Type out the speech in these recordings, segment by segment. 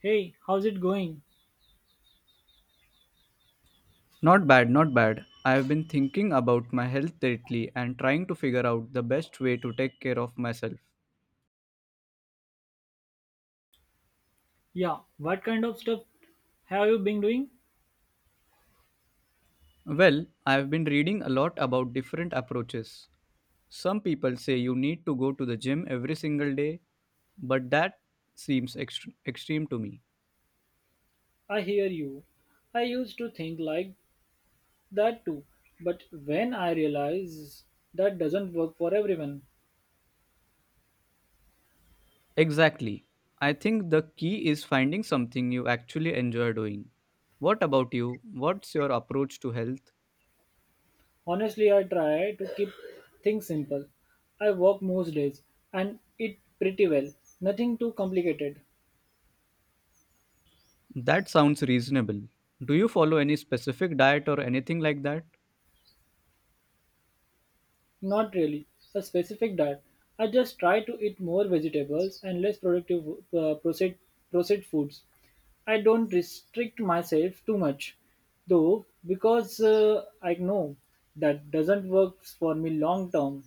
Hey, how's it going? Not bad, not bad. I have been thinking about my health lately and trying to figure out the best way to take care of myself. Yeah, what kind of stuff have you been doing? Well, I have been reading a lot about different approaches. Some people say you need to go to the gym every single day, but that seems extreme to me. I hear you. I used to think like that too, but when I realize that doesn't work for everyone, Exactly. I think the key is finding something you actually enjoy doing. What about you? What's your approach to health? honestly, I try to keep things simple. I work most days and eat pretty well, nothing too complicated. That sounds reasonable. Do you follow any specific diet or anything like that? Not really a specific diet. I just try to eat more vegetables and less productive processed, processed foods. I don't restrict myself too much, though, because I know that doesn't work for me long term.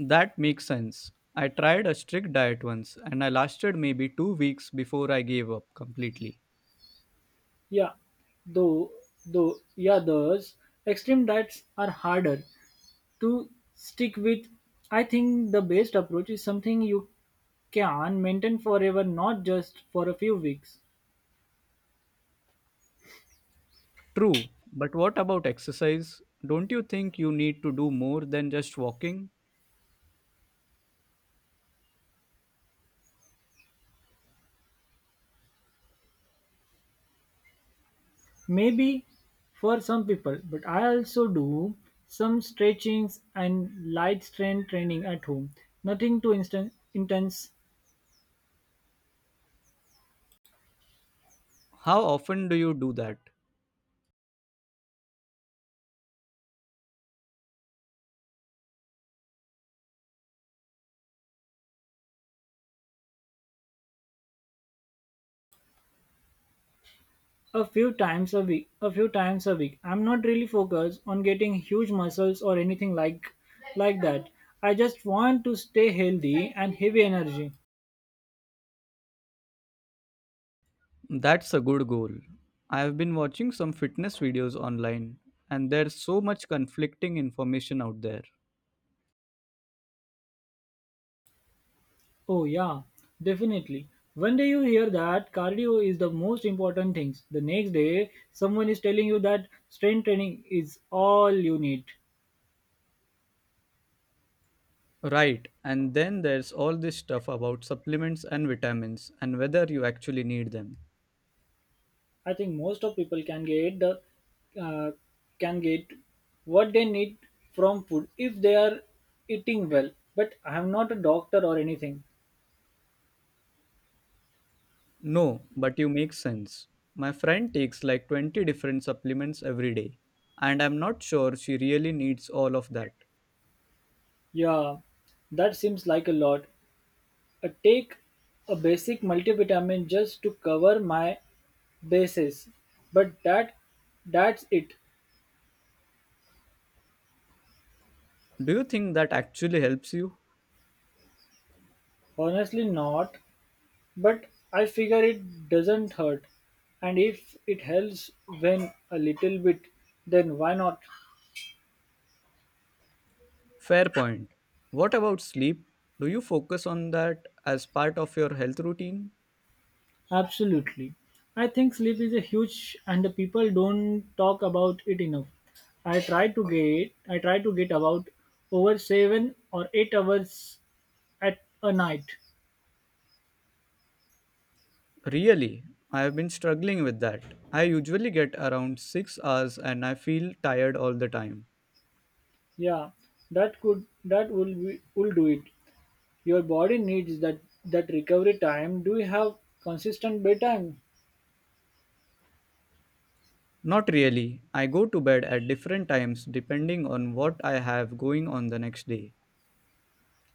That makes sense. I tried a strict diet once and I lasted maybe 2 weeks before I gave up completely. Yeah, though, yeah, those extreme diets are harder to stick with. I think the best approach is something you can maintain forever, not just for a few weeks. True, but what about exercise? Don't you think you need to do more than just walking? Maybe for some people, but I also do some stretchings and light strength training at home. Nothing too intense. How often do you do that? A few times a week. I'm not really focused on getting huge muscles or anything like that. I just want to stay healthy and heavy energy. That's a good goal. I have been watching some fitness videos online, and there's so much conflicting information out there. Oh yeah, definitely. One day you hear that cardio is the most important things. The next day someone is telling you that strength training is all you need. Right, and then there's all this stuff about supplements and vitamins and whether you actually need them. I think most of people can get the uh, can get what they need from food if they are eating well. But I am not a doctor or anything. No, but you make sense. My friend takes like 20 different supplements every day, and I'm not sure she really needs all of that. Yeah, that seems like a lot. I take a basic multivitamin just to cover my bases, but that's it. Do you think that actually helps you? Honestly, not. But I figure it doesn't hurt, and if it helps when a little bit, then why not? Fair point. What about sleep? Do you focus on that as part of your health routine? Absolutely. I think sleep is a huge and the people don't talk about it enough. I try to get about over 7 or 8 hours at a night. Really, I have been struggling with that. I usually get around 6 hours and I feel tired all the time. Yeah, that will will do it. Your body needs that recovery time. Do you have consistent bedtime? Not really. I go to bed at different times depending on what I have going on the next day.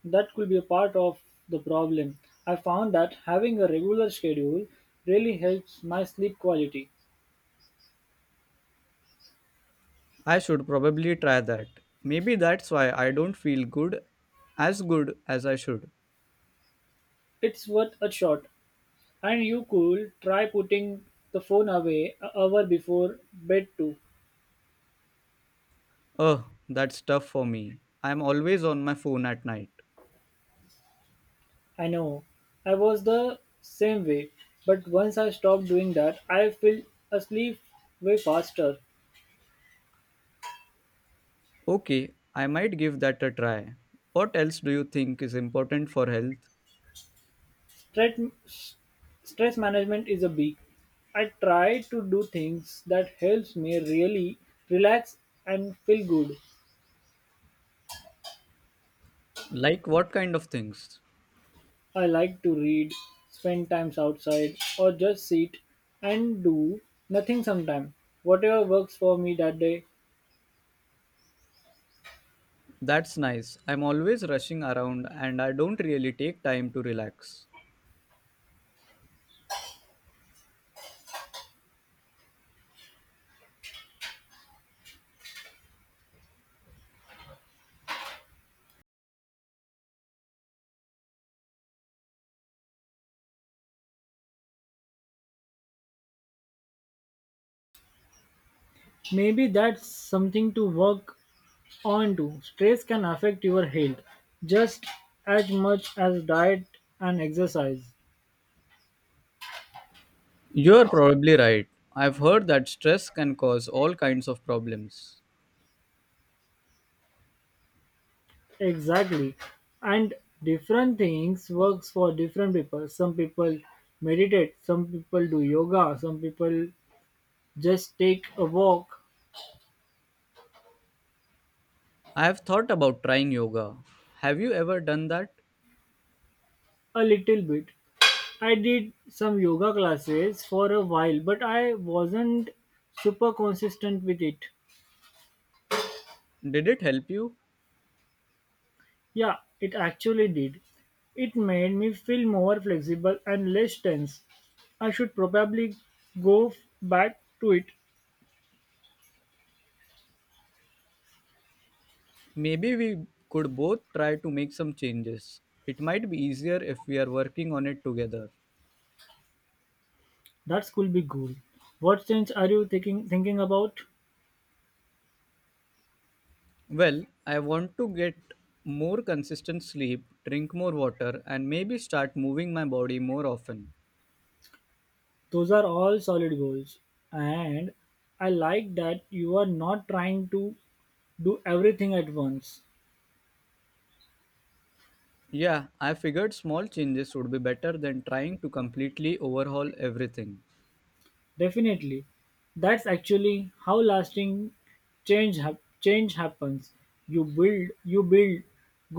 That could be a part of the problem. I found that having a regular schedule really helps my sleep quality. I should probably try that. Maybe that's why I don't feel good as I should. It's worth a shot. And you could try putting the phone away an hour before bed too. Oh, that's tough for me. I'm always on my phone at night. I know. I was the same way. But once I stopped doing that, I fell asleep way faster. Okay, I might give that a try. What else do you think is important for health? Stress, stress management is a big. I try to do things that helps me really relax and feel good. Like what kind of things? I like to read, spend times outside, or just sit and do nothing sometime. Whatever works for me that day. That's nice. I'm always rushing around and I don't really take time to relax. Maybe that's something to work on too. Stress can affect your health just as much as diet and exercise. You're probably right. I've heard that stress can cause all kinds of problems. Exactly. And different things works for different people. Some people meditate, some people do yoga, some people just take a walk I have thought about trying yoga. Have you ever done that? a little bit. I did some yoga classes for a while, but I wasn't super consistent with it. Did it help you? Yeah, it actually did. It made me feel more flexible and less tense. I should probably back to it. Maybe we could both try to make some changes. It might be easier if we are working on it together. That could be cool. What change are you thinking about? Well, I want to get more consistent sleep, drink more water, and maybe start moving my body more often. Those are all solid goals. And I like that you are not trying to do everything at once. Yeah, I figured small changes would be better than trying to completely overhaul everything. Definitely. That's actually how lasting change happens. You build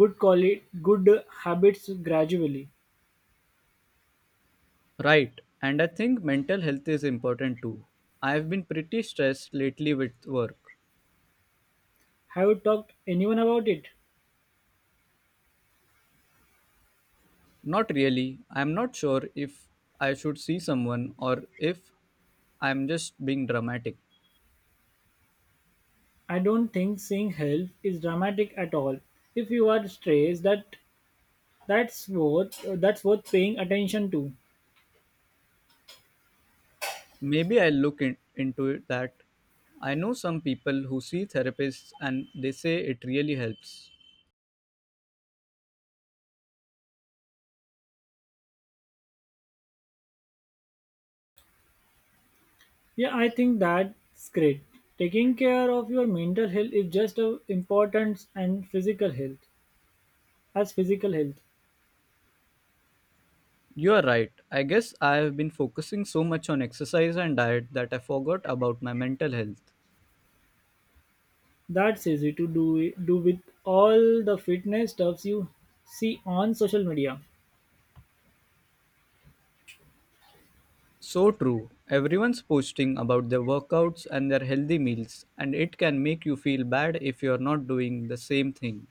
good habits gradually. Right, and I think mental health is important too. I have been pretty stressed lately with work. Have you talked anyone about it? Not really. I'm not sure if I should see someone or if I'm just being dramatic. I don't think seeing health is dramatic at all. If you are stressed, that's worth paying attention to. Maybe I'll into it that. I know some people who see therapists and they say it really helps. Yeah, I think that's great. Taking care of your mental health is just as important and physical health as physical health. You are right. I guess I have been focusing so much on exercise and diet that I forgot about my mental health. That's easy to do with all the fitness stuffs you see on social media. So true. Everyone's posting about their workouts and their healthy meals, and it can make you feel bad if you're not doing the same thing.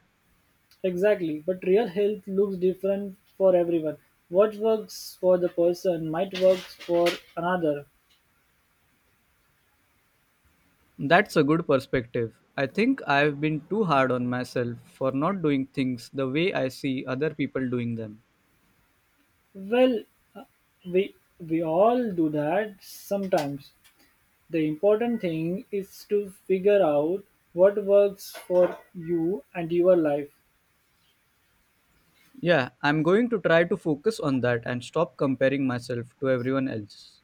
Exactly, but real health looks different for everyone. What works for the person might work for another. That's a good perspective. I think I've been too hard on myself for not doing things the way I see other people doing them. Well, uh, we we all do that sometimes. The important thing is to figure out what works for you and your life. Yeah, I'm going to try to focus on that and stop comparing myself to everyone else.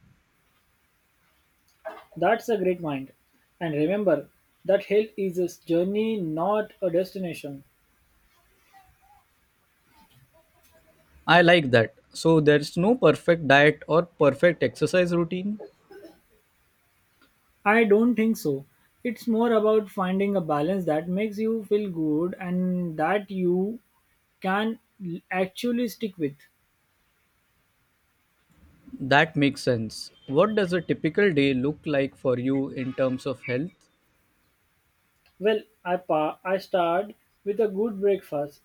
That's a great mind. And remember that health is a journey, not a destination. I like that. So there's no perfect diet or perfect exercise routine? I don't think so. It's more about finding a balance that makes you feel good and that you can actually stick with. That makes sense. What does a typical day look like for you in terms of health? Well, I start with a good breakfast,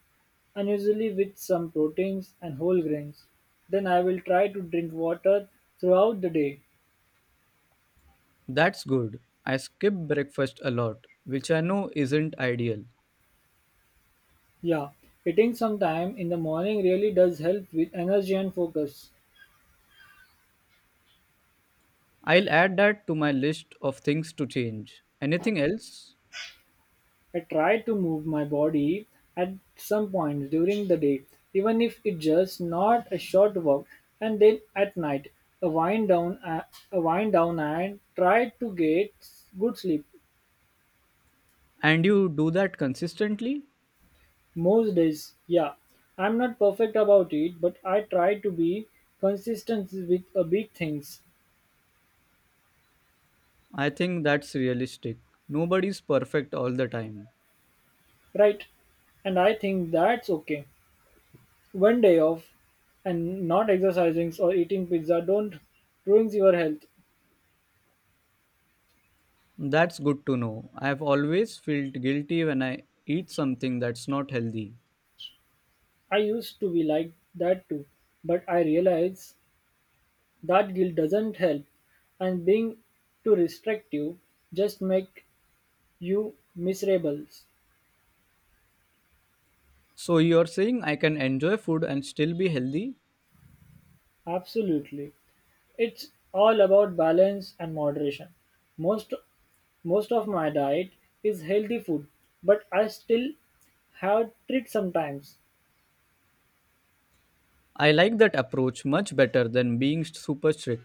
and usually with some proteins and whole grains. Then I will try to drink water throughout the day. That's good. I skip breakfast a lot, which I know isn't ideal. Yeah, eating sometime in the morning really does help with energy and focus. I'll add that to my list of things to change. Anything else? I try to move my body at some point during the day, even if it's just not a short walk, and then at night, a wind down, a a wind down, and try to get good sleep. And you do that consistently? Most days, yeah, I'm not perfect about it, but I try to be consistent with big things, I think that's realistic. Nobody's perfect all the time. right? And I think that's okay. One day off and not exercising or eating pizza don't ruins your health. That's good to know. I've always felt guilty when I eat something that's not healthy. I used to be like that too, but I realize that guilt doesn't help, and being too restrictive just make you miserable. So you're saying I can enjoy food and still be healthy? Absolutely, it's all about balance and moderation. Most most of my diet is healthy food, but I still have treat sometimes. I like that approach much better than being super strict.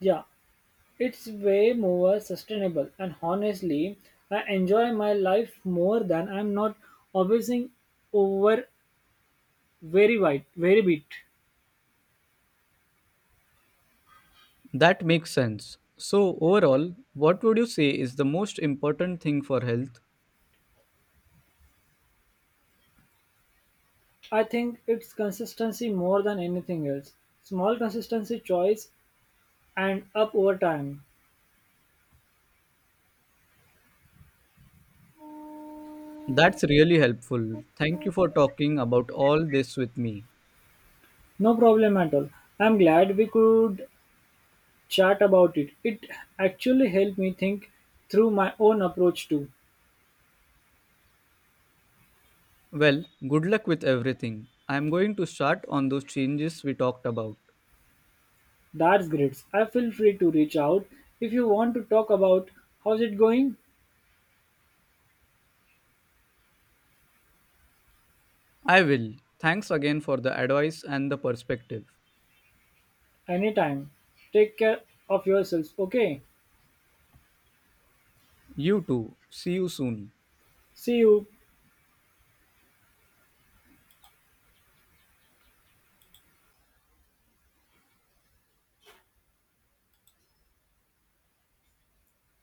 Yeah, it's way more sustainable, and honestly, I enjoy my life more than I'm not obsessing over very wide, very bit. That makes sense. So overall, what would you say is the most important thing for health? I think it's consistency more than anything else. Small consistency choice and up over time. That's really helpful. Thank you for talking about all this with me. No problem at all. I'm glad we could chat about it. It actually helped me think through my own approach too. Well, good luck with everything. I'm going to start on those changes we talked about. That's great. I feel free to reach out if you want to talk about how's it going. I will. Thanks again for the advice and the perspective. Anytime. Take care of yourselves, okay? You too. See you soon. See you.